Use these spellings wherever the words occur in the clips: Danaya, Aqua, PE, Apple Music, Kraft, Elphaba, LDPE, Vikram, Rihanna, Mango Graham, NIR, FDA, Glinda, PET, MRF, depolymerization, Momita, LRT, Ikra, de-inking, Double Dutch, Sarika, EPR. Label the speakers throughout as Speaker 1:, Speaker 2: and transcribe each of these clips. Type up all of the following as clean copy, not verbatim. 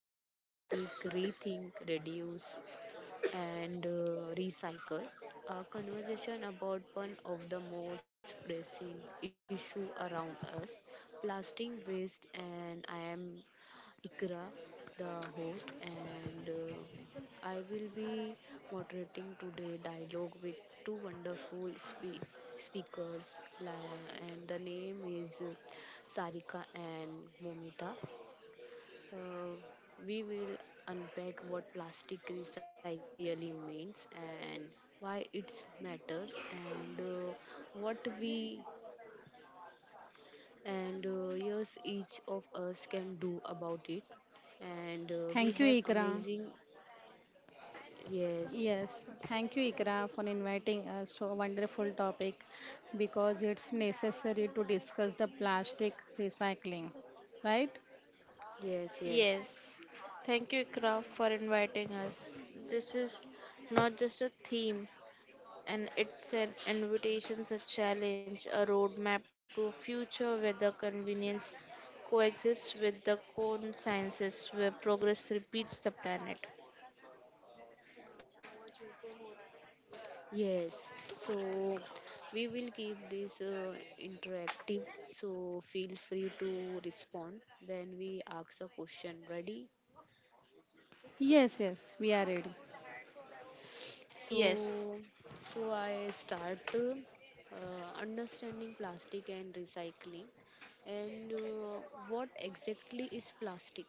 Speaker 1: topic is plastic rethink, reduce, and recycle. A conversation about one of the most pressing issue around us, plastic waste, and I am Ikra, the host, and I will be moderating today dialogue with two wonderful speakers, and the name is Sarika and Momita. Uh, we will unpack what plastic recycling really means and why it matters and what we and yes, each of us can do about it and
Speaker 2: Thank you,
Speaker 1: we have
Speaker 2: Ikra.
Speaker 1: amazing. Yes,
Speaker 2: Yes, thank you, Ikra, for inviting us to a wonderful topic because it's necessary to discuss the plastic recycling, right?
Speaker 1: yes, yes,
Speaker 3: Yes, thank you, Kraft, for inviting us. This is not just a theme, and it's an invitation, a challenge, a roadmap to a future where the convenience coexists with the core sciences, where progress repeats the planet.
Speaker 1: yes, so we will keep this interactive, so feel free to respond when we ask a question. Ready?
Speaker 2: Yes, yes, we are ready.
Speaker 1: So,
Speaker 3: Yes.
Speaker 1: so I start understanding plastic and recycling. And what exactly is plastic?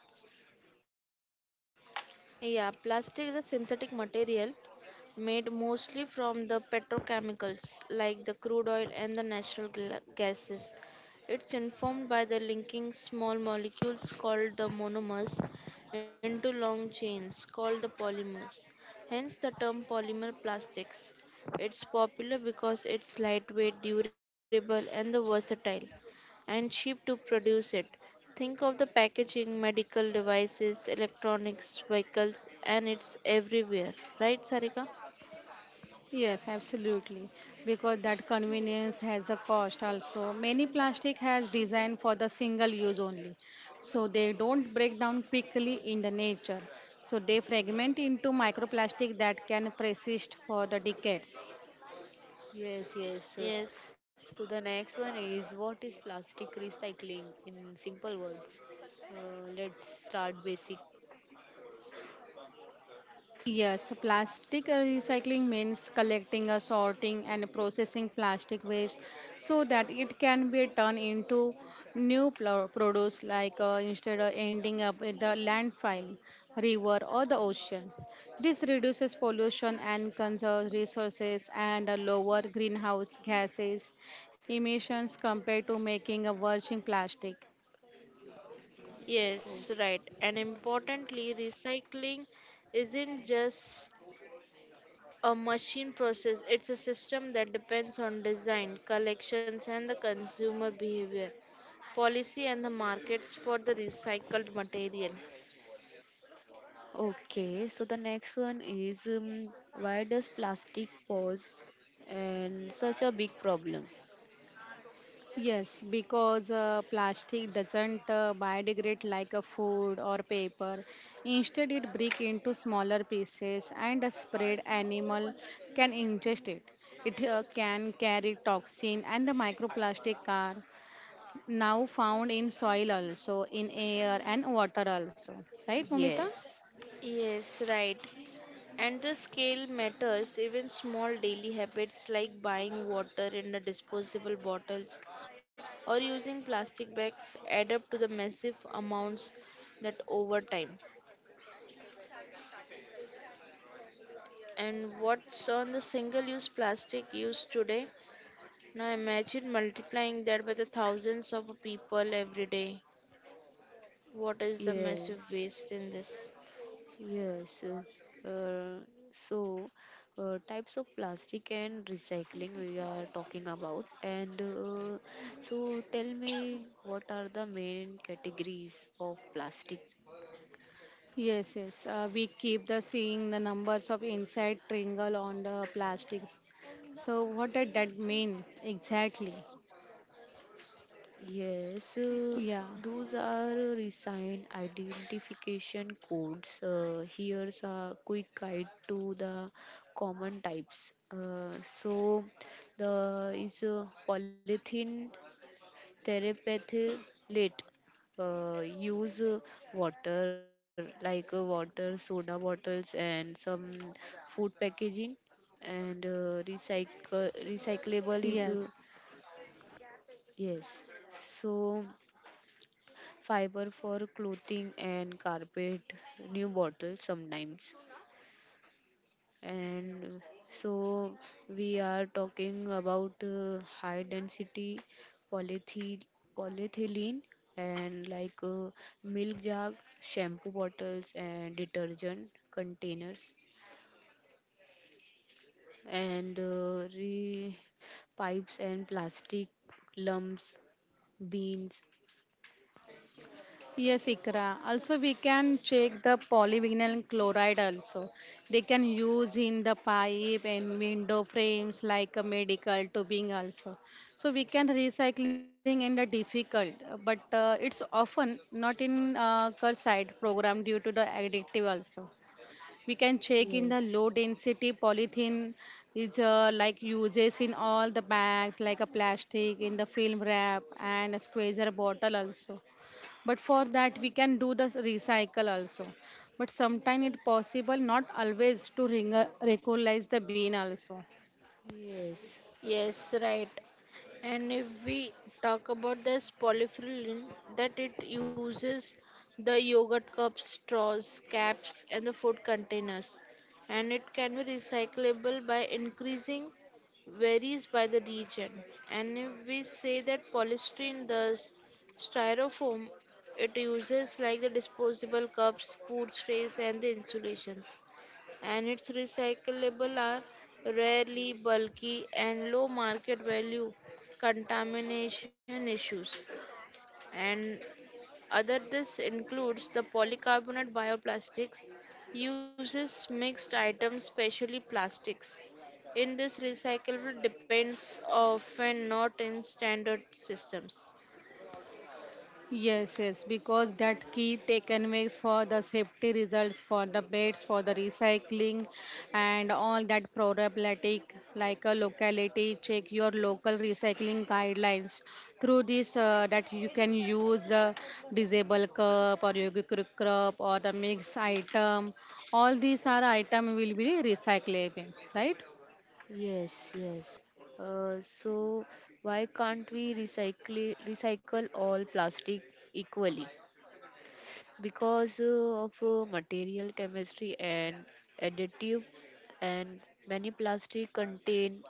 Speaker 3: Yeah, plastic is a synthetic material made mostly from the petrochemicals like the crude oil and the natural gases. It's informed by the linking small molecules called the monomers into long chains called the polymers. Hence the term polymer plastics. It's popular because it's lightweight, durable, and the versatile and cheap to produce it. Think of the packaging, medical devices, electronics, vehicles, and it's everywhere. Right, Sarika?
Speaker 2: Yes, absolutely. Because that convenience has a cost also. Many plastic has designed for the single use only. So they don't break down quickly in the nature. So they fragment into microplastic that can persist for the decades.
Speaker 1: Yes, yes.
Speaker 3: Yes,
Speaker 1: So the next one is, what is plastic recycling in simple words? Let's start basic.
Speaker 2: Yes, plastic recycling means collecting, sorting, and processing plastic waste so that it can be turned into new produce, like instead of ending up in the landfill, river, or the ocean. This reduces pollution and conserves resources and lower greenhouse gases emissions compared to making a virgin plastic.
Speaker 3: yes,
Speaker 1: Oh,
Speaker 3: right. And importantly, recycling isn't just a machine process, it's a system that depends on design, collections, and the consumer behavior, policy, and the markets for the recycled material.
Speaker 1: okay, so the next one is why does plastic pose and such a big problem?
Speaker 2: Yes, because plastic doesn't biodegrade like a food or paper. Instead, it breaks into smaller pieces and a spread animal can ingest it. It can carry toxin and the microplastic are now found in soil also, in air and water also. Right, Momita?
Speaker 1: Yes,
Speaker 3: Yes, right. And the scale matters. Even small daily habits like buying water in the disposable bottles or using plastic bags add up to the massive amounts that over time. And what's on the single use plastic use today? Now imagine multiplying that by the thousands of people every day. What is the
Speaker 1: yes.
Speaker 3: massive waste in this?
Speaker 1: Yes. Uh, so, Types of plastic and recycling we are talking about. And so, tell me, what are the main categories of plastic?
Speaker 2: Yes, yes. We keep the seeing the numbers of insect triangle on the plastics. So what did that means exactly?
Speaker 1: Yes,
Speaker 2: Yeah,
Speaker 1: those are resign identification codes. Here's a quick guide to the common types. So, the is polythene therapeutic lit, use, water, like water soda bottles and some food packaging, and recycle recyclable is
Speaker 2: yes,
Speaker 1: yes, so fiber for clothing and carpet, new bottles sometimes, and so we are talking about high density polythe- polyethylene, and like milk jug, shampoo bottles, and detergent containers, and pipes and plastic lumps, beans.
Speaker 2: yes, Ikra. Also, we can check the polyvinyl chloride also. They can use in the pipe and window frames like a medical tubing also. So we can recycling in the difficult, but it's often not in curbside program due to the addictive also. We can check in the
Speaker 1: Yes,
Speaker 2: low density polythene is like uses in all the bags like a plastic in the film wrap and a squeezer bottle also, but for that we can do the recycle also, but sometimes it possible not always to recognize the bin also.
Speaker 1: yes.
Speaker 3: Yes, right. And if we talk about this polyfill, that it uses the yogurt cups, straws, caps, and the food containers, and it can be recyclable by increasing varies by the region. And if we say that polystyrene the styrofoam, it uses like the disposable cups, food trays, and the insulations and its recyclable are rarely bulky and low market value contamination issues and other this includes the polycarbonate bioplastics uses mixed items especially plastics in this recyclable depends often not in standard systems.
Speaker 2: Yes, yes, because that key taken makes for the safety results for the beds, for the recycling, and all that problematic like a locality. Check your local recycling guidelines. Through this, that you can use disable cup or yogic cup or the mix item. All these are item will be recyclable, right?
Speaker 1: Yes, yes. So why can't we recycle all plastic equally? Because of material chemistry and additives, and many plastic contain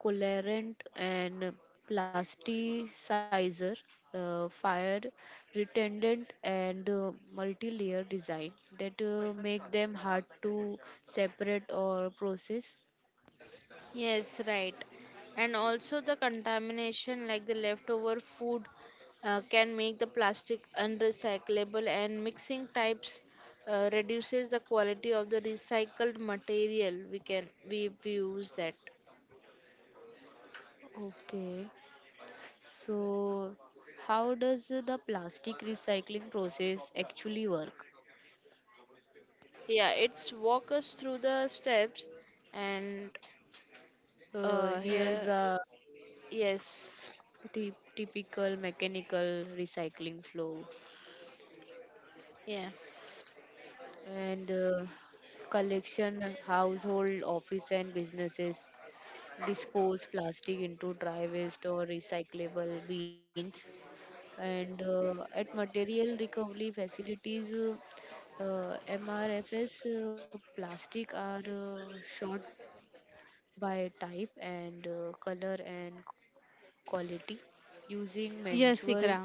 Speaker 1: colorant and plasticizer, fire retardant, and multi-layer design that make them hard to separate or process.
Speaker 3: Yes, right. And also the contamination like the leftover food can make the plastic unrecyclable and mixing types reduces the quality of the recycled material we can we use that.
Speaker 1: Okay. So, how does the plastic recycling process actually work?
Speaker 3: Yeah, it's walk us through the steps and
Speaker 1: Here's
Speaker 3: here.
Speaker 1: a
Speaker 3: Yes.
Speaker 1: typical mechanical recycling flow,
Speaker 3: Yeah.
Speaker 1: and collection, household, office, and businesses dispose plastic into dry waste or recyclable bins, and at material recovery facilities, mrfs, plastic are short by type and color and quality, using
Speaker 2: Yes,
Speaker 1: manual.
Speaker 2: Ikra.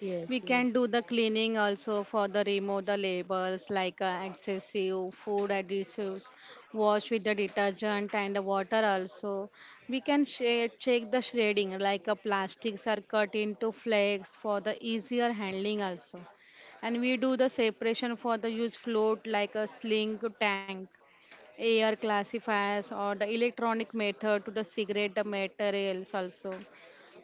Speaker 1: Yes,
Speaker 2: We can
Speaker 1: yes,
Speaker 2: do the cleaning also for the remove the labels like excessive food additives, wash with the detergent and the water also. We can share, check the shredding like plastics are cut into flakes for the easier handling also. And we do the separation for the use float like a sling tank, air classifiers or the electronic method to the cigarette materials also,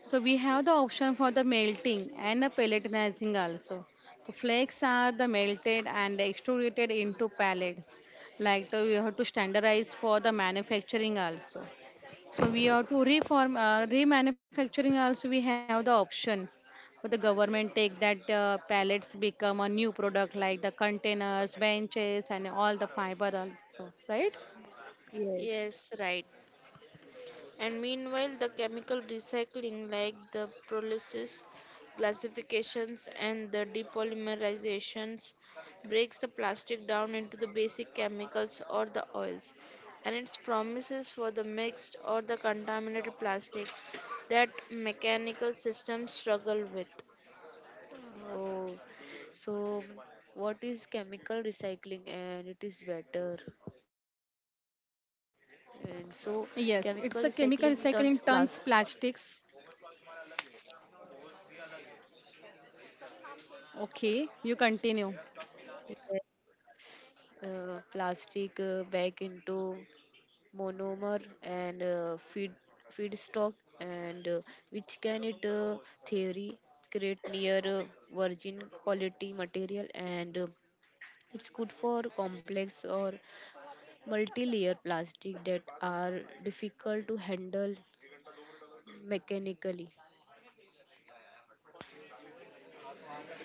Speaker 2: so we have the option for the melting and the pelletizing also. The flakes are the melted and extruded into pellets. Like the, we have to standardize for the manufacturing also. So we have to reform remanufacturing also. We have the options for the government take that pallets become a new product like the containers, benches, and all the fiber also, right?
Speaker 1: yes.
Speaker 3: Yes, right. And meanwhile, the chemical recycling, like the pyrolysis, classifications, and the depolymerizations, breaks the plastic down into the basic chemicals or the oils, and its promises for the mixed or the contaminated plastic that mechanical systems struggle with.
Speaker 1: Oh, so what is chemical recycling, and it is better, and so chemical
Speaker 2: Yes, it's a
Speaker 1: recycling
Speaker 2: chemical
Speaker 1: turns plastic,
Speaker 2: recycling turns plastics. Okay, you continue.
Speaker 1: plastic, back into monomer and uh, feedstock, and which can it theory create near virgin quality material, and it's good for complex or multi-layer plastic that are difficult to handle mechanically.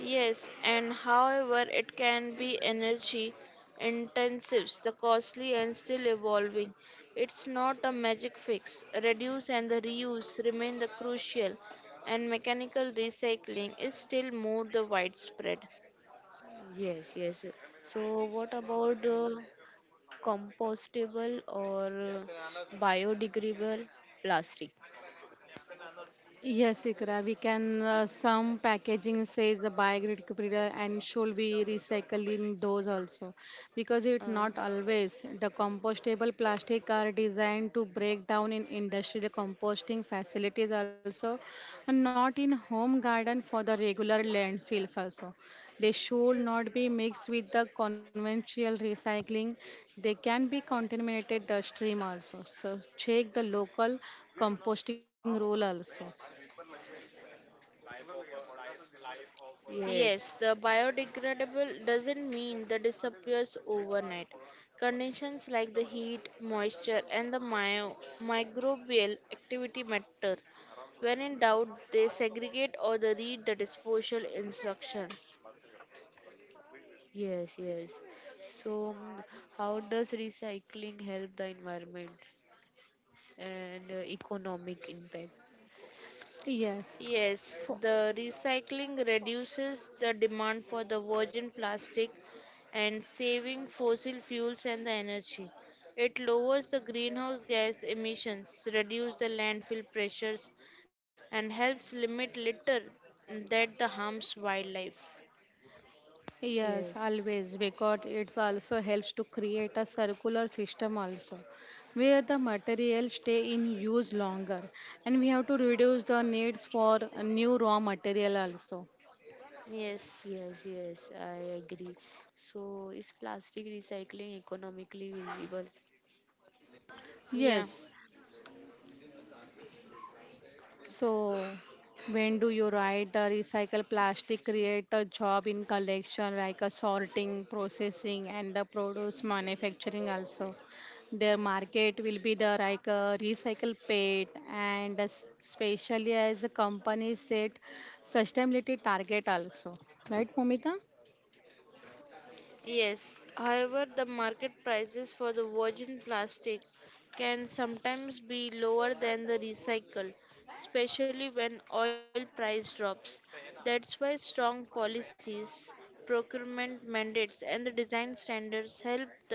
Speaker 3: Yes, and however, it can be energy intensive, the costly and still evolving. It's not a magic fix. Reduce and the reuse remain the crucial, and mechanical recycling is still more the widespread.
Speaker 1: Yes, yes, so what about compostable or biodegradable plastic?
Speaker 2: Yes, Ikra, we can. Some packaging says the biodegradable and should be recycling those also, because
Speaker 1: Uh,
Speaker 2: it not always. The compostable plastic are designed to break down in industrial composting facilities also, and not in home garden for the regular landfills also. They should not be mixed with the conventional recycling. They can be contaminated the stream also. So check the local composting rule also.
Speaker 1: yes,
Speaker 3: Yes, the biodegradable doesn't mean the disappears overnight. Conditions like the heat, moisture, and the microbial activity matter. When in doubt, they segregate or they read the disposal instructions.
Speaker 1: yes, yes. So, mm, how does recycling help the environment and economic impact?
Speaker 2: Yes,
Speaker 3: Yes, the recycling reduces the demand for the virgin plastic and saving fossil fuels and the energy. It lowers the greenhouse gas emissions, reduce the landfill pressures and helps limit litter that the harms wildlife.
Speaker 2: yes,
Speaker 1: Yes,
Speaker 2: always because it's also helps to create a circular system also, where the materials stay in use longer and we have to reduce the needs for new raw material also.
Speaker 3: Yes.
Speaker 1: yes, yes, I agree. So, is plastic recycling economically visible?
Speaker 3: Yeah.
Speaker 2: Yes, so, when do you write recycle plastic, create a job in collection like a sorting, processing, and the produce manufacturing also? Their market will be the like a recycle pet, and especially as the company set sustainability target also, right, Momita?
Speaker 3: Yes, however, the market prices for the virgin plastic can sometimes be lower than the recycle, especially when oil price drops. That's why strong policies, procurement mandates, and the design standards help the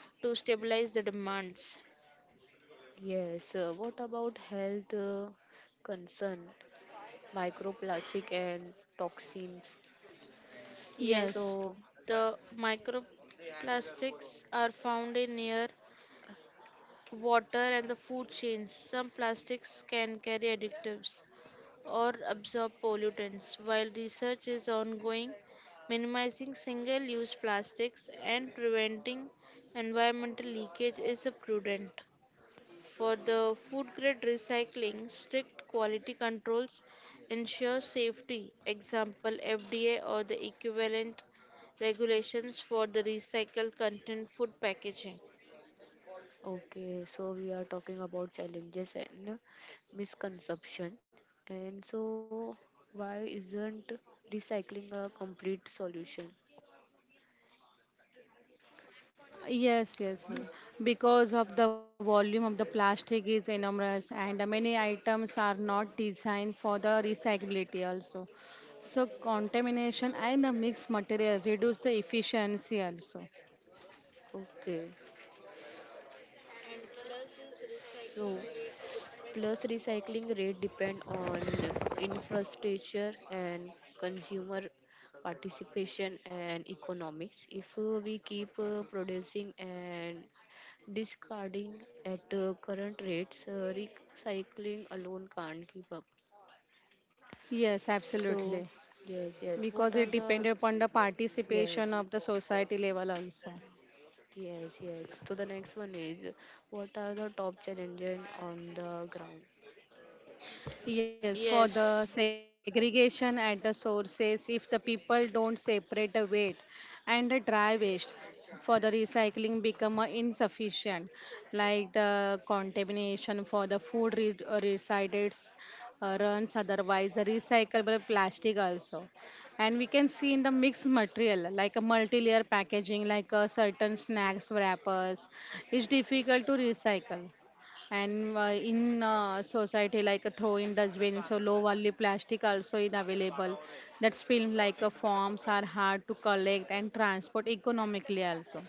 Speaker 3: to stabilize the demands.
Speaker 1: Yes, what about health concern, microplastic and toxins?
Speaker 2: Yes.
Speaker 3: Yes,
Speaker 1: So,
Speaker 3: the microplastics are found in air, water, and the food chains. Some plastics can carry additives, or absorb pollutants. While research is ongoing, minimizing single use plastics and preventing environmental leakage is a prudent. For the food grade recycling, strict quality controls ensure safety. Example FDA or the equivalent regulations for the recycled content food packaging.
Speaker 1: okay, so we are talking about challenges and misconception. And so, why isn't recycling a complete solution?
Speaker 2: Yes, yes.
Speaker 1: Huh,
Speaker 2: Because of the volume of the plastic is enormous and many items are not designed for the recyclability also. So contamination and the mixed material reduce the efficiency also.
Speaker 1: okay,
Speaker 3: And plus is
Speaker 1: so
Speaker 3: recycling rates depends.
Speaker 1: plus recycling rate depend on infrastructure and consumer participation and economics. If we keep producing and discarding at current rates, recycling alone can't keep up.
Speaker 2: Yes,
Speaker 1: So,
Speaker 2: absolutely.
Speaker 1: yes, yes. What
Speaker 2: Because
Speaker 1: are
Speaker 2: it
Speaker 1: the?
Speaker 2: depends upon the participation
Speaker 1: Yes,
Speaker 2: of the society level also.
Speaker 1: yes, yes. So the next one is, what are the top challenges on the ground?
Speaker 2: Yes, for
Speaker 3: Yes.
Speaker 2: the segregation at the sources, if the people don't separate the wet and the dry waste, for the recycling become insufficient, like the contamination for the food recycled runs otherwise the recyclable plastic also, and we can see in the mixed material like a multi-layer packaging like a certain snacks wrappers is difficult to recycle, and in society like a throw in dustbin so low value plastic also is available. That's film like forms are hard to collect and transport economically also,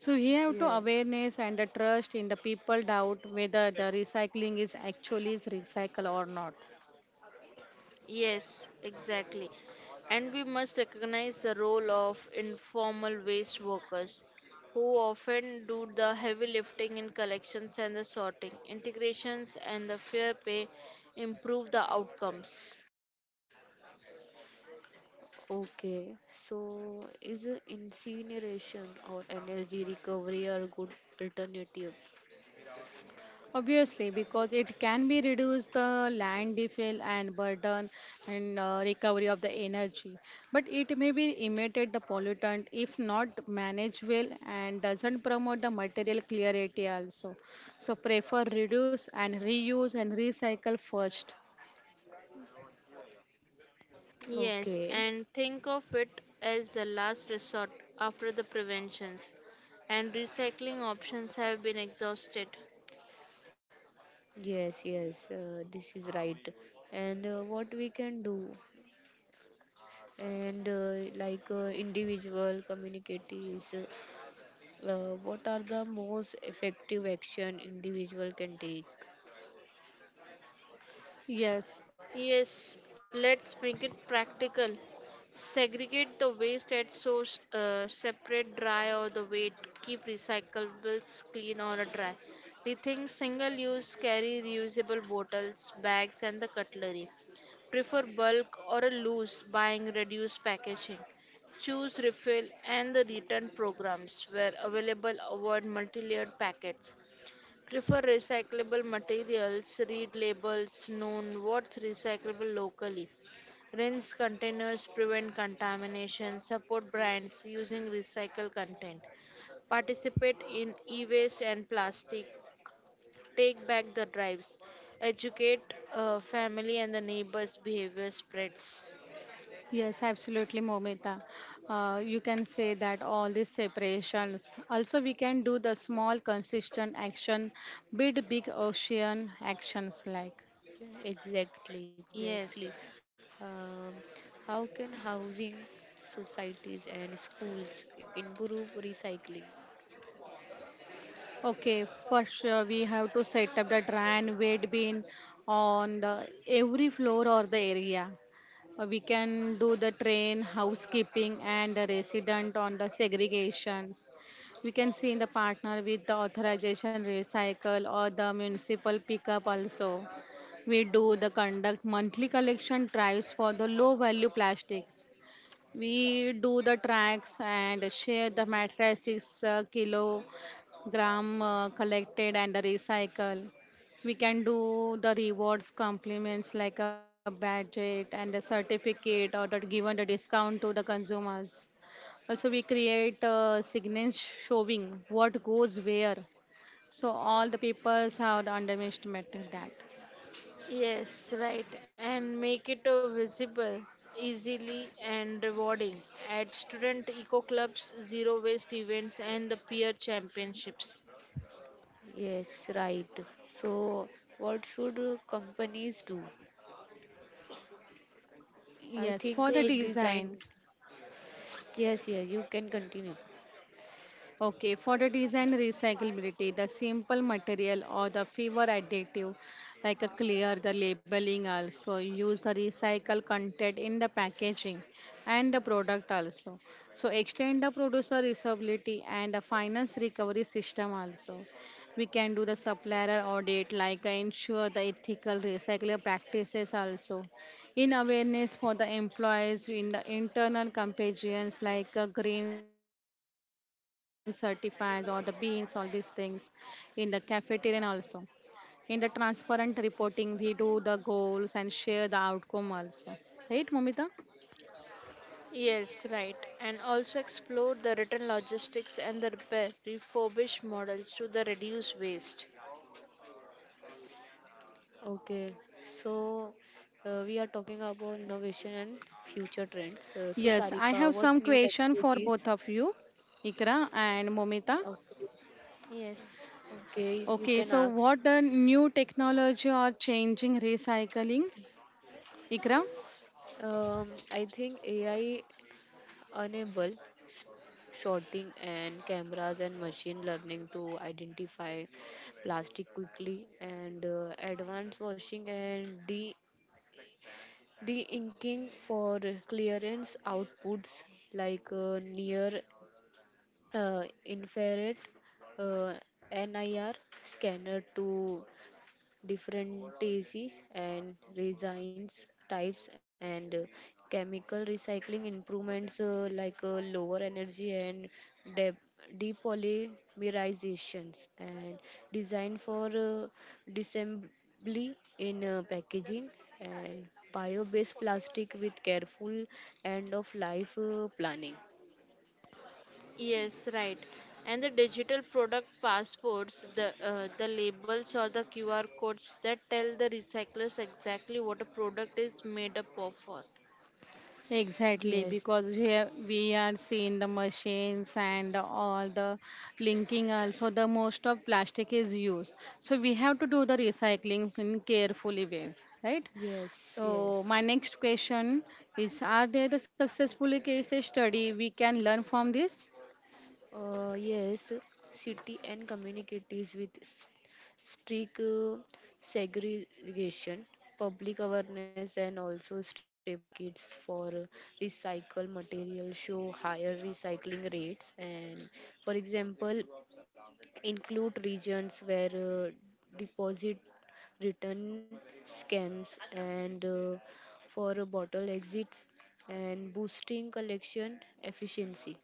Speaker 2: so we have to
Speaker 1: Yeah.
Speaker 2: awareness and the trust in the people doubt whether the recycling is actually is recycle or not.
Speaker 3: Yes, exactly. And we must recognize the role of informal waste workers who often do the heavy lifting in collections and the sorting. Integrations and the fair pay improve the outcomes.
Speaker 1: Okay. So is incineration or energy recovery a good alternative?
Speaker 2: Obviously, because it can be reduce the land defile and burden and recovery of the energy, but it may be emitted the pollutant if not managed well and doesn't promote the material clarity also. So prefer reduce and reuse and recycle first.
Speaker 3: Yes,
Speaker 1: Okay.
Speaker 3: and think of it as the last resort after the preventions and recycling options have been exhausted.
Speaker 1: Yes, yes. This is right. And what we can do? And like individual communities. What are the most effective action individual can take?
Speaker 2: Yes.
Speaker 3: Yes, let's make it practical. Segregate the waste at source, separate dry or the weight, keep recyclables clean or dry. Rethink single use, carry reusable bottles, bags, and the cutlery. Prefer bulk or a loose, buying reduced packaging. Choose refill and the return programs where available, avoid multi layered packets. Prefer recyclable materials, read labels, known what's recyclable locally. Rinse containers, prevent contamination, support brands using recycled content. Participate in e waste and plastic. Take back the drives. Educate family and the neighbors' behavior spreads.
Speaker 2: Yes, absolutely, Momita. You can say that all these separations. Also, we can do the small, consistent action, big, big ocean actions like.
Speaker 1: Exactly,
Speaker 3: Yes.
Speaker 1: exactly. Um, how can housing, societies, and schools improve recycling?
Speaker 2: Okay, first we have to set up the dry and wet bin on the every floor or the area. We can do the train, housekeeping, and the resident on the segregations. We can see in the partner with the authorization recycle or the municipal pickup also. We do the conduct monthly collection drives for the low value plastics. We do the tracks and share the matrices, kilogram collected and recycle. We can do the rewards, compliments like a badge and a certificate or the given the discount to the consumers. Also, we create signage showing what goes where. So all the papers have the underestimated that.
Speaker 3: Yes, right. And make it visible, easily, and rewarding. Add student eco clubs, zero waste events, and the peer championships.
Speaker 1: Yes, right. So, what should companies do? I
Speaker 2: Yes, for
Speaker 1: think
Speaker 2: the
Speaker 3: Ye-
Speaker 2: design.
Speaker 1: design. Yes, yes, you can continue.
Speaker 2: Okay, for the design recyclability, the simple material or the fewer additive, like a clear the labeling also, use the recycled content in the packaging and the product also. So extend the producer usability and the finance recovery system also. We can do the supplier audit, like ensure the ethical recycling practices also, in awareness for the employees in the internal competitions like green certifies or the beans all these things in the cafeteria also, in the transparent reporting we do the goals and share the outcome also, right, Momita?
Speaker 3: Yes, right. And also explore the return logistics and the repair, refurbish models to the reduce waste.
Speaker 1: Okay, so we are talking about innovation and future trends. So, Sarika,
Speaker 2: Yes,
Speaker 1: what
Speaker 2: I
Speaker 1: new
Speaker 2: have some
Speaker 1: technologies?
Speaker 2: question for both of you, Ikra and Momita.
Speaker 1: Okay,
Speaker 3: Yes.
Speaker 1: okay, you can
Speaker 2: Okay, so
Speaker 1: ask.
Speaker 2: what the new technology are changing recycling, Ikra?
Speaker 1: I think AI enable s- sorting and cameras and machine learning to identify plastic quickly, and advanced washing and de de-inking for clearance outputs, like near infrared, uh, NIR scanner to different disease and resins types, and chemical recycling improvements, like lower energy and de- depolymerizations, and design for disassembly in packaging, and bio-based plastic with careful end of life planning.
Speaker 3: Yes, right. And the digital product passports, the labels or the QR codes that tell the recyclers exactly what a product is made up of. For.
Speaker 2: Exactly,
Speaker 1: Yes,
Speaker 2: because we have, we are seeing the machines and all the linking also the most of plastic is used. So we have to do the recycling in carefully ways, right?
Speaker 1: yes,
Speaker 2: So my
Speaker 1: yes.
Speaker 2: next question is: are there the successful case study we can learn from this?
Speaker 1: Yes, city and communities with strict segregation, public awareness, and also stable markets for recycled materials show higher recycling rates. And for example, include regions where deposit return scams and for bottle exits and boosting collection efficiency.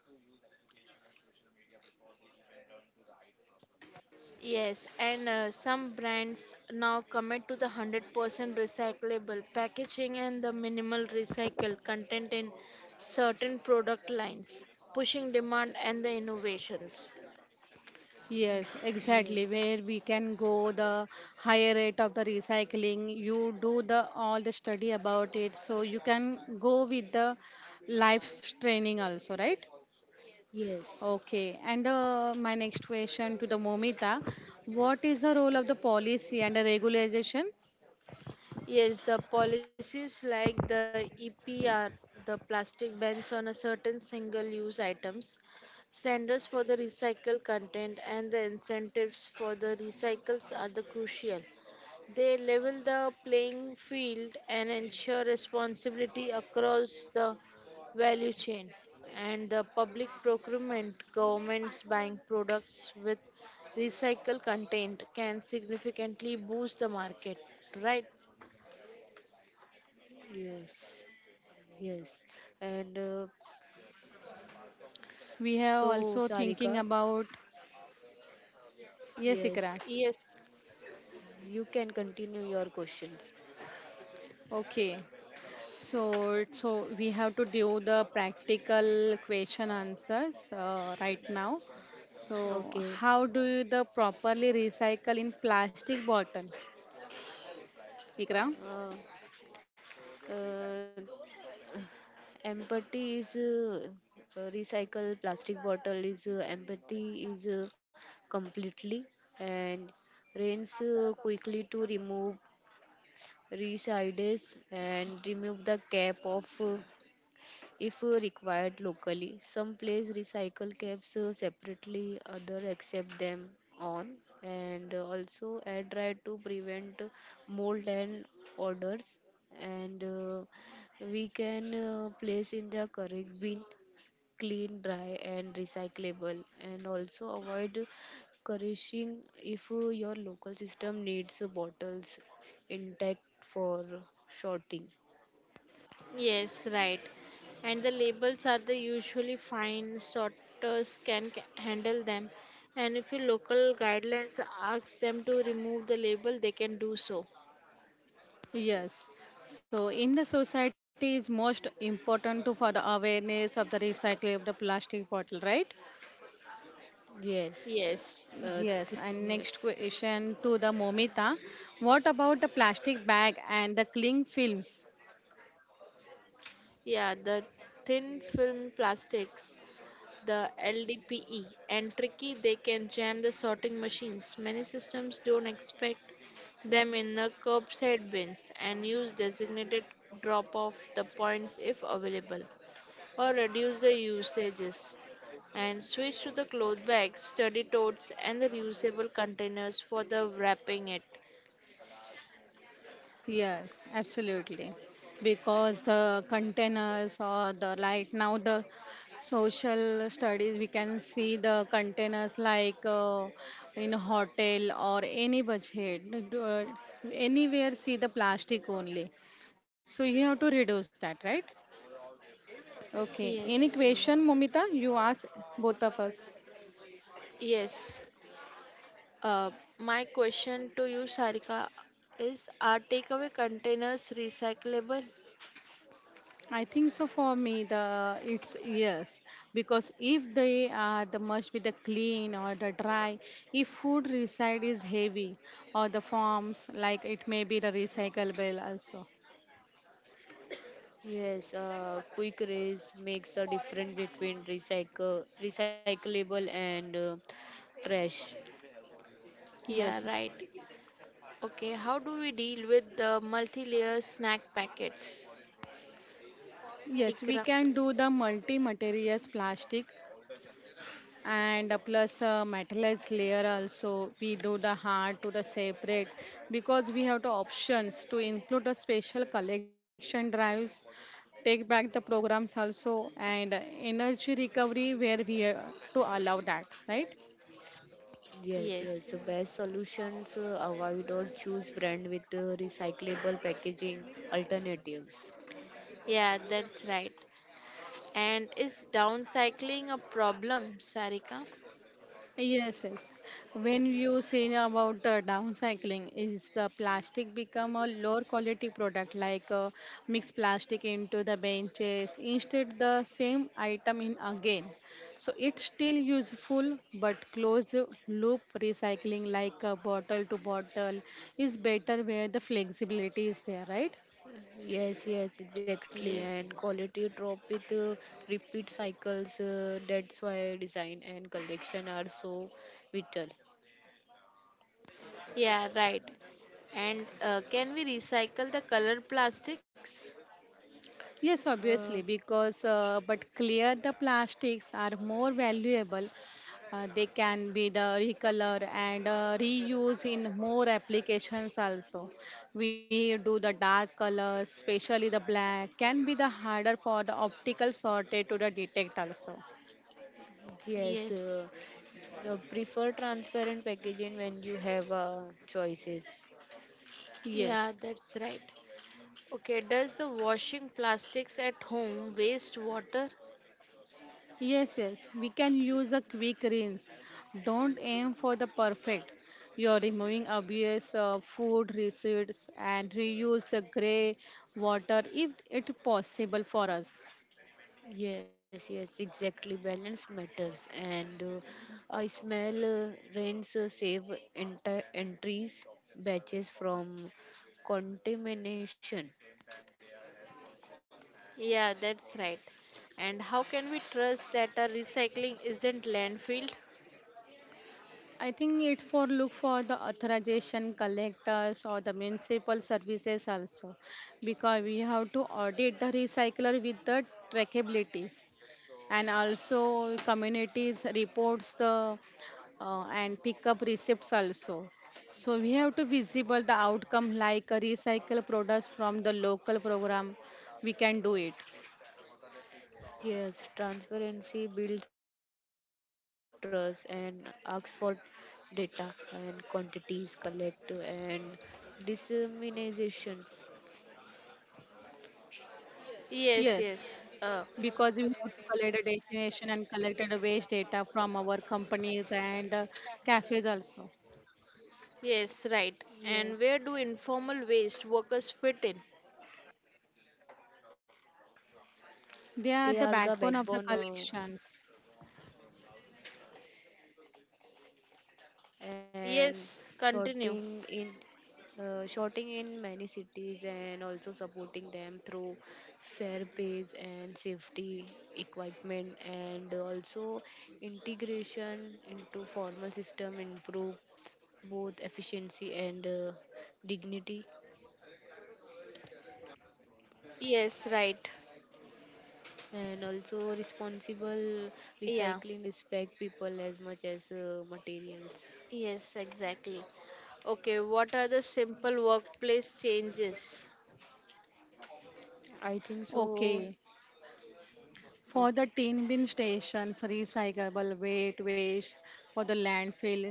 Speaker 3: Yes, and some brands now commit to the 100% recyclable packaging and the minimal recycled content in certain product lines, pushing demand and the innovations.
Speaker 2: Yes,
Speaker 1: Yeah.
Speaker 2: exactly. Where we can go, the higher rate of the recycling, you do the all the study about it, so you can go with the life's training also, right?
Speaker 1: Yes,
Speaker 2: Okay. And my next question to the Momita, what is the role of the policy and the regulation?
Speaker 3: Yes, the policies like the EPR, the plastic bans on a certain single use items, standards for the recycled content, and the incentives for the recycles are the crucial. They level the playing field and ensure responsibility across the value chain and the public procurement governments buying products with recycled content can significantly boost the market, right?
Speaker 1: yes, yes. And
Speaker 2: We have
Speaker 1: so,
Speaker 2: also thinking
Speaker 1: Sarika,
Speaker 2: about yes,
Speaker 1: yes,
Speaker 2: Ikra.
Speaker 3: Yes,
Speaker 1: you can continue your questions.
Speaker 2: Okay. So, so we have to do the practical question answers right now. So,
Speaker 1: Okay.
Speaker 2: how do you the properly recycle in plastic bottle, Vikram?
Speaker 1: Uh, uh, Empathy is recycle plastic bottle is empathy is completely, and rinse quickly to remove resides, and remove the cap of. If required locally. Some place recycle caps separately, other accept them on, and also air dry to prevent mold and odors, and we can place in the correct bin, clean, dry, and recyclable, and also avoid coercing if your local system needs bottles intact for sorting.
Speaker 3: yes, right. And the labels are the usually fine, sorters can handle them. And if your local guidelines asks them to remove the label, they can do so.
Speaker 2: Yes. So, in the society, it's most important to for the awareness of the recycling of the plastic bottle, right?
Speaker 1: Yes,
Speaker 3: Yes,
Speaker 1: uh, thi-
Speaker 2: Yes.
Speaker 1: yeah.
Speaker 2: And next question to the Momita. What about the plastic bag and the cling films?
Speaker 3: yeah, the thin film plastics, the LDPE, and tricky they can jam the sorting machines. Many systems don't expect them in the curbside bins and use designated drop off the points if available, or reduce the usages and switch to the cloth bags, study totes, and the reusable containers for the wrapping it.
Speaker 2: Yes, absolutely. Because the containers or the like now the social studies, we can see the containers like in a hotel or any budget, uh, anywhere see the plastic only. So you have to reduce that, right? Okay. Any
Speaker 3: Yes,
Speaker 1: Mm.
Speaker 2: question, Momita? You ask both of us.
Speaker 3: yes. Uh, my question to you, Sarika, is are takeaway containers recyclable?
Speaker 2: I think so for me the it's yes, because if they are the must be the clean or the dry, if food reside is heavy or the forms like it may be the recyclable also.
Speaker 1: Yes, quick raise makes a difference between recycle, recyclable, and trash.
Speaker 2: Yes,
Speaker 3: Yeah, right. Okay, how do we deal with the multi-layer snack packets,
Speaker 2: yes, we
Speaker 3: Ikra?
Speaker 2: can do the multi materials plastic and plus metallized layer also, we do the hard to the separate because we have the options to include the special collection drives, take back the programs also, and energy recovery where we are to allow that, right?
Speaker 1: Yes,
Speaker 3: Yes.
Speaker 1: yes. The best solutions avoid or choose brand with recyclable packaging alternatives.
Speaker 3: Yeah, that's right. And is downcycling a problem, Sarika?
Speaker 2: Yes, yes. When you say about the downcycling, is the plastic become a lower quality product like mix plastic into the benches instead the same item in again. So it's still useful, but closed loop recycling like bottle to bottle is better where the flexibility is there, right?
Speaker 1: Yes, yes, exactly. And
Speaker 3: Yes.
Speaker 1: quality drop with repeat cycles. That's why design and collection are so vital.
Speaker 3: Yeah, right. And can we recycle the color plastics?
Speaker 2: Yes,
Speaker 1: Uh,
Speaker 2: obviously, because but clear the plastics are more valuable. They can be the recolor and reuse in more applications also. We do the dark colors, especially the black, can be the harder for the optical sorted to the detect also.
Speaker 1: yes,
Speaker 3: Yes.
Speaker 1: prefer transparent packaging when you have choices.
Speaker 2: Yes.
Speaker 3: Yeah, that's right. Okay, does the washing plastics at home waste water?
Speaker 2: Yes, yes, we can use a quick rinse. Don't aim for the perfect. You're removing obvious food residues and reuse the gray water if it possible for us.
Speaker 1: Yes, yes, exactly. Balance matters, and I smell rains save entries batches from contamination.
Speaker 3: Yeah, that's right. And how can we trust that our recycling isn't landfilled?
Speaker 2: I think it for look for the authorization collectors or the municipal services also, because we have to audit the recycler with the trackabilities, and also communities reports the and pick up receipts also, so we have to visible the outcome like recycle products from the local program we can do it.
Speaker 1: Yes, transparency builds trust and asks for data and quantities collect and disseminations.
Speaker 2: Yes,
Speaker 3: Yes,
Speaker 2: because we
Speaker 3: yes.
Speaker 2: have to collect a destination and collect the waste data from our companies and cafes also.
Speaker 3: Yes, right.
Speaker 1: Yes,
Speaker 3: And where do informal waste workers fit in?
Speaker 2: They are the
Speaker 1: they are the
Speaker 2: backbone of the
Speaker 1: backbone,
Speaker 2: collections.
Speaker 1: and
Speaker 3: Yes,
Speaker 1: shorting
Speaker 3: continue.
Speaker 1: in shorting in many cities, and also supporting them through fair pays and safety equipment, and also integration into formal system improve both efficiency and dignity,
Speaker 3: Yes, right.
Speaker 1: and also responsible
Speaker 3: Yeah.
Speaker 1: recycling respect people as much as materials.
Speaker 3: Yes, exactly. Okay, what are the simple workplace changes?
Speaker 1: I think so.
Speaker 2: Okay. For the
Speaker 1: Okay.
Speaker 2: tin bin stations, recyclable weight waste for the landfill,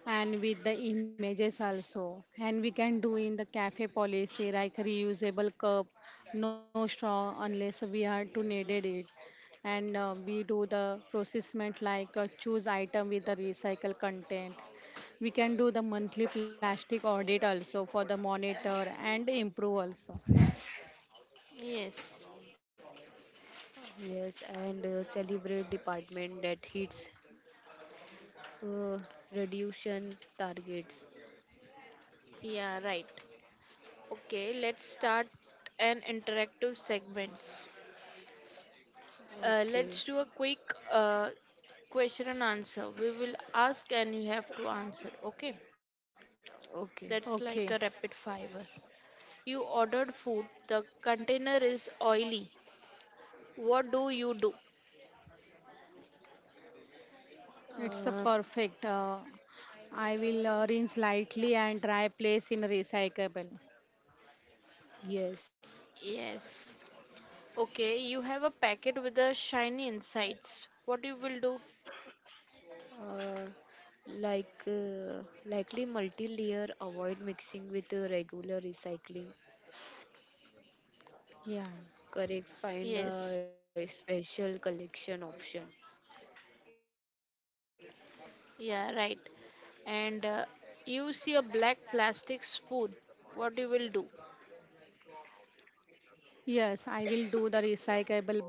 Speaker 2: and with the images also, and we can do in the cafe policy like reusable cup, no straw unless we are to needed it, and we do the processment like choose item with the recycle content. We can do the monthly plastic audit also for the monitor and improve also.
Speaker 3: Yes.
Speaker 1: Yes, and celebrate department that hits uh, reduction targets.
Speaker 3: Yeah, right. Okay, let's start an interactive segments.
Speaker 1: Okay,
Speaker 3: Let's do a quick uh, question and answer. We will ask and you have to answer. Okay,
Speaker 1: okay.
Speaker 3: that's
Speaker 2: Okay,
Speaker 3: like a rapid fire. You ordered food, the container is oily. What do you do?
Speaker 2: it's a
Speaker 1: Uh,
Speaker 2: perfect I will rinse lightly and dry place in recyclable.
Speaker 1: yes.
Speaker 3: Yes. Okay, you have a packet with the shiny insides. What you will do?
Speaker 1: Uh, like likely multi-layer, avoid mixing with regular recycling.
Speaker 2: Yeah.
Speaker 1: Correct. Find
Speaker 3: Yes.
Speaker 1: a special collection option.
Speaker 3: Yeah, right. And you see a black plastic spoon. What you will do?
Speaker 2: Yes, I will do the recyclable but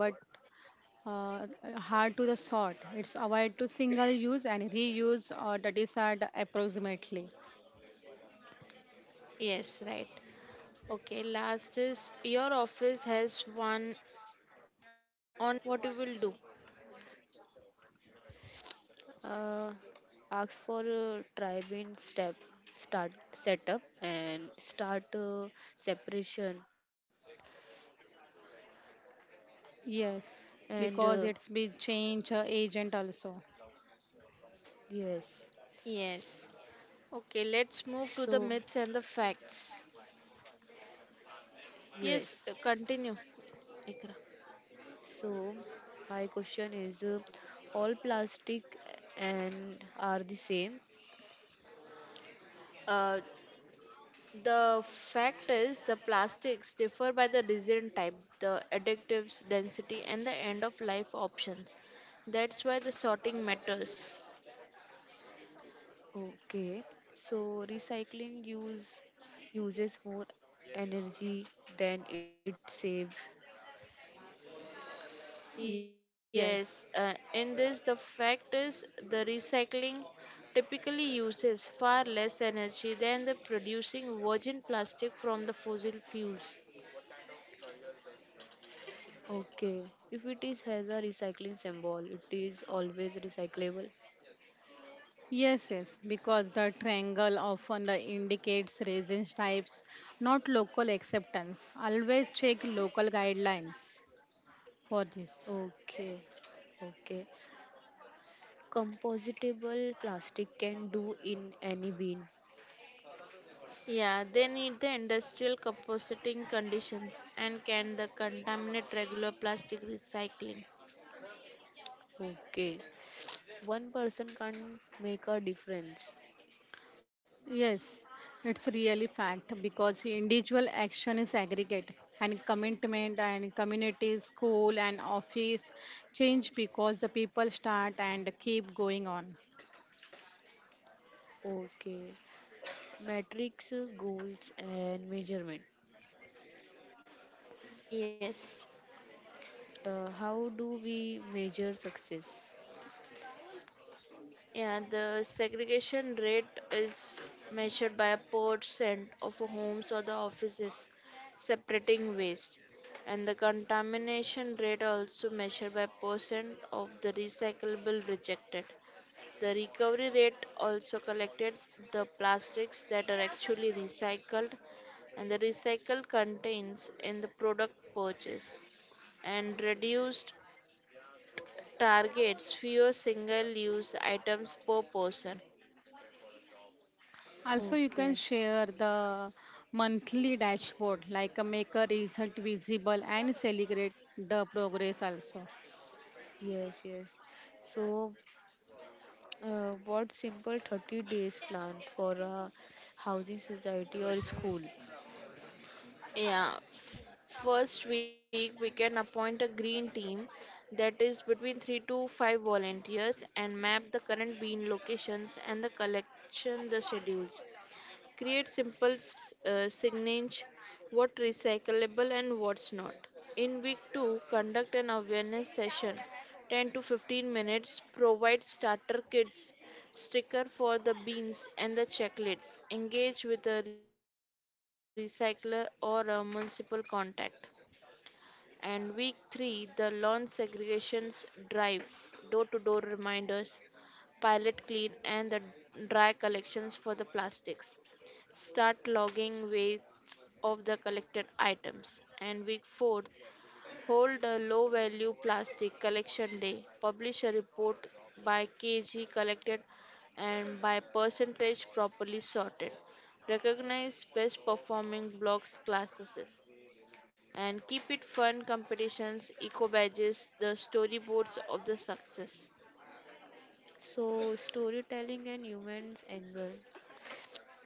Speaker 2: uh, hard to the sort. It's avoid to single use and reuse or the discard approximately.
Speaker 3: Yes, right. Okay, last is your office has one only one bin. What you will do?
Speaker 1: Uh, ask for tri-bin step, start setup and start separation. Yeah.
Speaker 2: Yes, because
Speaker 1: And
Speaker 2: it's be change agent also.
Speaker 1: yes,
Speaker 3: Yes. Okay, let's move
Speaker 1: so
Speaker 3: to the myths and the facts.
Speaker 1: yes,
Speaker 3: Yes, continue, Ikra.
Speaker 1: so my question is, all plastic and are the same?
Speaker 3: Uh, the fact is, the plastics differ by the resin type, the additives density, and the end of life options. That's why the sorting matters.
Speaker 1: Okay. So recycling uses more energy than it saves.
Speaker 2: Yes.
Speaker 3: Yes, in this, the fact is, the recycling typically uses far less energy than the producing virgin plastic from the fossil fuels.
Speaker 1: Okay. If it is has a recycling symbol, it is always recyclable.
Speaker 2: Yes, yes, because the triangle often the indicates resin types, not local acceptance. Always check local guidelines for this.
Speaker 1: Okay, okay. Compostable plastic can do in any bin.
Speaker 3: Yeah, they need the industrial compositing conditions and can the contaminate regular plastic recycling.
Speaker 1: Okay. One person can make a difference.
Speaker 2: Yes, it's really fact because individual action is aggregate and commitment and community, school and office change because the people start and keep going on.
Speaker 1: Okay. Metrics, goals, and measurement.
Speaker 3: Yes.
Speaker 1: How do we measure success?
Speaker 3: Yeah, the segregation rate is measured by a percent of homes or the offices separating waste, and the contamination rate also measured by percent of the recyclable rejected. The recovery rate also collected the plastics that are actually recycled and the recycled contains in the product purchased and reduced targets fewer single use items per person.
Speaker 2: Also, you can
Speaker 1: Okay.
Speaker 2: share the monthly dashboard, like a make a result visible and celebrate the progress also.
Speaker 1: Yes, yes. So, what simple 30 days plan for a housing society or school?
Speaker 3: Yeah, first week we can appoint a green team that is between 3 to 5 volunteers and map the current bean locations and the collection the schedules. Create simple signage what recyclable and what's not. In week 2, conduct an awareness session 10 to 15 minutes. Provide starter kits, sticker for the beans and the checklists. Engage with a recycler or a municipal contact. And week 3, the lawn segregations drive, door to door reminders, pilot clean, and the dry collections for the plastics. Start logging weights of the collected items. And week 4, hold a low value plastic collection day. Publish a report by kg collected and by percentage properly sorted. Recognize best performing blocks classes and keep it fun competitions, eco badges, the storyboards of the success.
Speaker 1: So, storytelling and humans angle.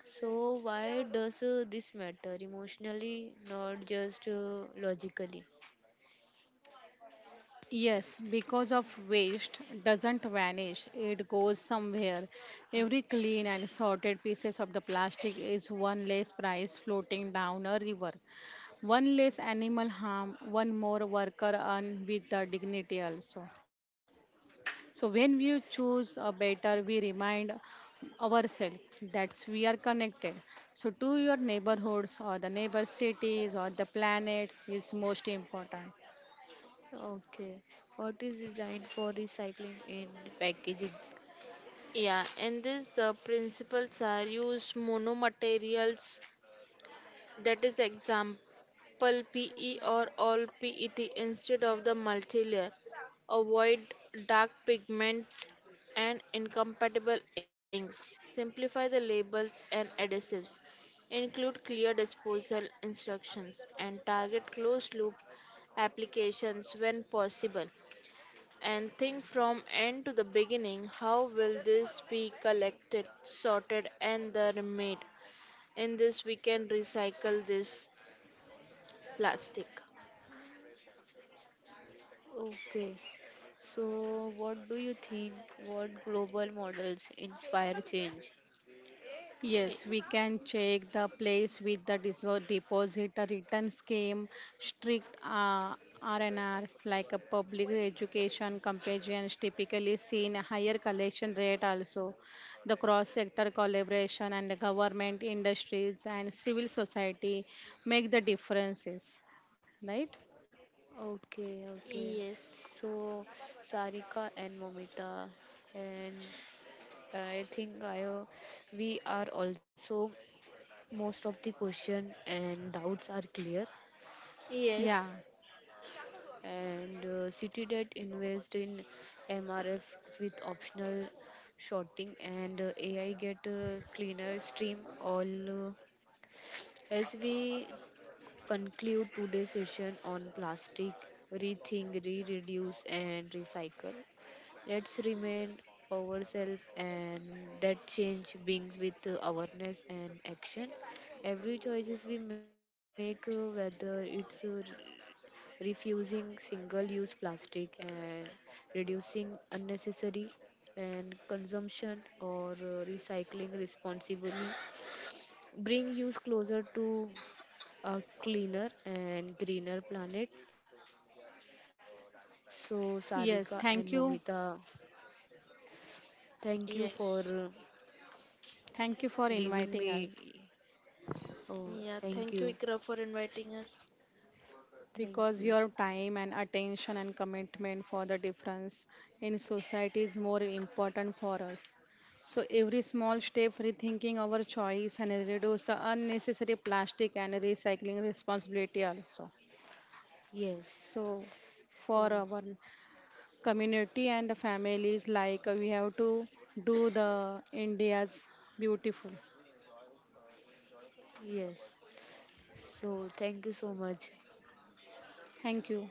Speaker 1: So, why does this matter emotionally, not just logically?
Speaker 2: Yes, because of waste doesn't vanish, it goes somewhere. Every clean and sorted pieces of the plastic is one less price floating down a river. One less animal harm, one more worker earned with the dignity also. So when we choose a better, we remind ourselves that we are connected. So to your neighborhoods or the neighbor cities or the planets is most important.
Speaker 1: Okay, what is designed for recycling in packaging?
Speaker 3: Yeah, in this the principles are use mono materials that is example Triple PE or all PET instead of the multilayer. Avoid dark pigments and incompatible inks. Simplify the labels and adhesives. Include clear disposal instructions and target closed loop applications when possible. And think from end to the beginning how will this be collected, sorted, and then remade? In this, we can recycle this plastic.
Speaker 1: Okay, so what do you think? What global models inspire change?
Speaker 2: Yes, we can check the place with the deposit a return scheme, strict RNRs like a public education companions typically seen a higher collection rate also. The cross-sector collaboration and the government industries and civil society make the differences, right?
Speaker 1: Okay, okay.
Speaker 3: Yes,
Speaker 1: So, Sarika and Momita, and I think I we are also most of the question and doubts are clear.
Speaker 2: Yeah.
Speaker 3: yes,
Speaker 1: And CityDebt invest in MRF with optional shorting, and AI get cleaner stream all. As we conclude today's session on plastic, rethink, re-reduce, and recycle. Let's remind ourselves and that change brings with awareness and action. Every choices we make, whether it's refusing single-use plastic and reducing unnecessary and consumption, or recycling responsibly, bring you closer to a cleaner and greener planet. So, Sarika
Speaker 2: Yes,
Speaker 1: and
Speaker 2: thank you.
Speaker 1: Momita, thank you for
Speaker 3: yes.
Speaker 2: Thank you for
Speaker 1: giving
Speaker 2: inviting us,
Speaker 1: me. Oh,
Speaker 3: Yeah,
Speaker 1: thank
Speaker 3: thank you,
Speaker 1: you.
Speaker 3: Ikra, for inviting us.
Speaker 1: Thank
Speaker 2: because
Speaker 1: you.
Speaker 2: your time and attention and commitment for the difference in society is more important for us. So every small step rethinking our choice and reduce the unnecessary plastic and recycling responsibility also.
Speaker 1: Yes.
Speaker 2: So for
Speaker 1: So,
Speaker 2: our community and the families like we have to do the India's beautiful.
Speaker 1: yes. So, thank you so much.
Speaker 2: Thank you.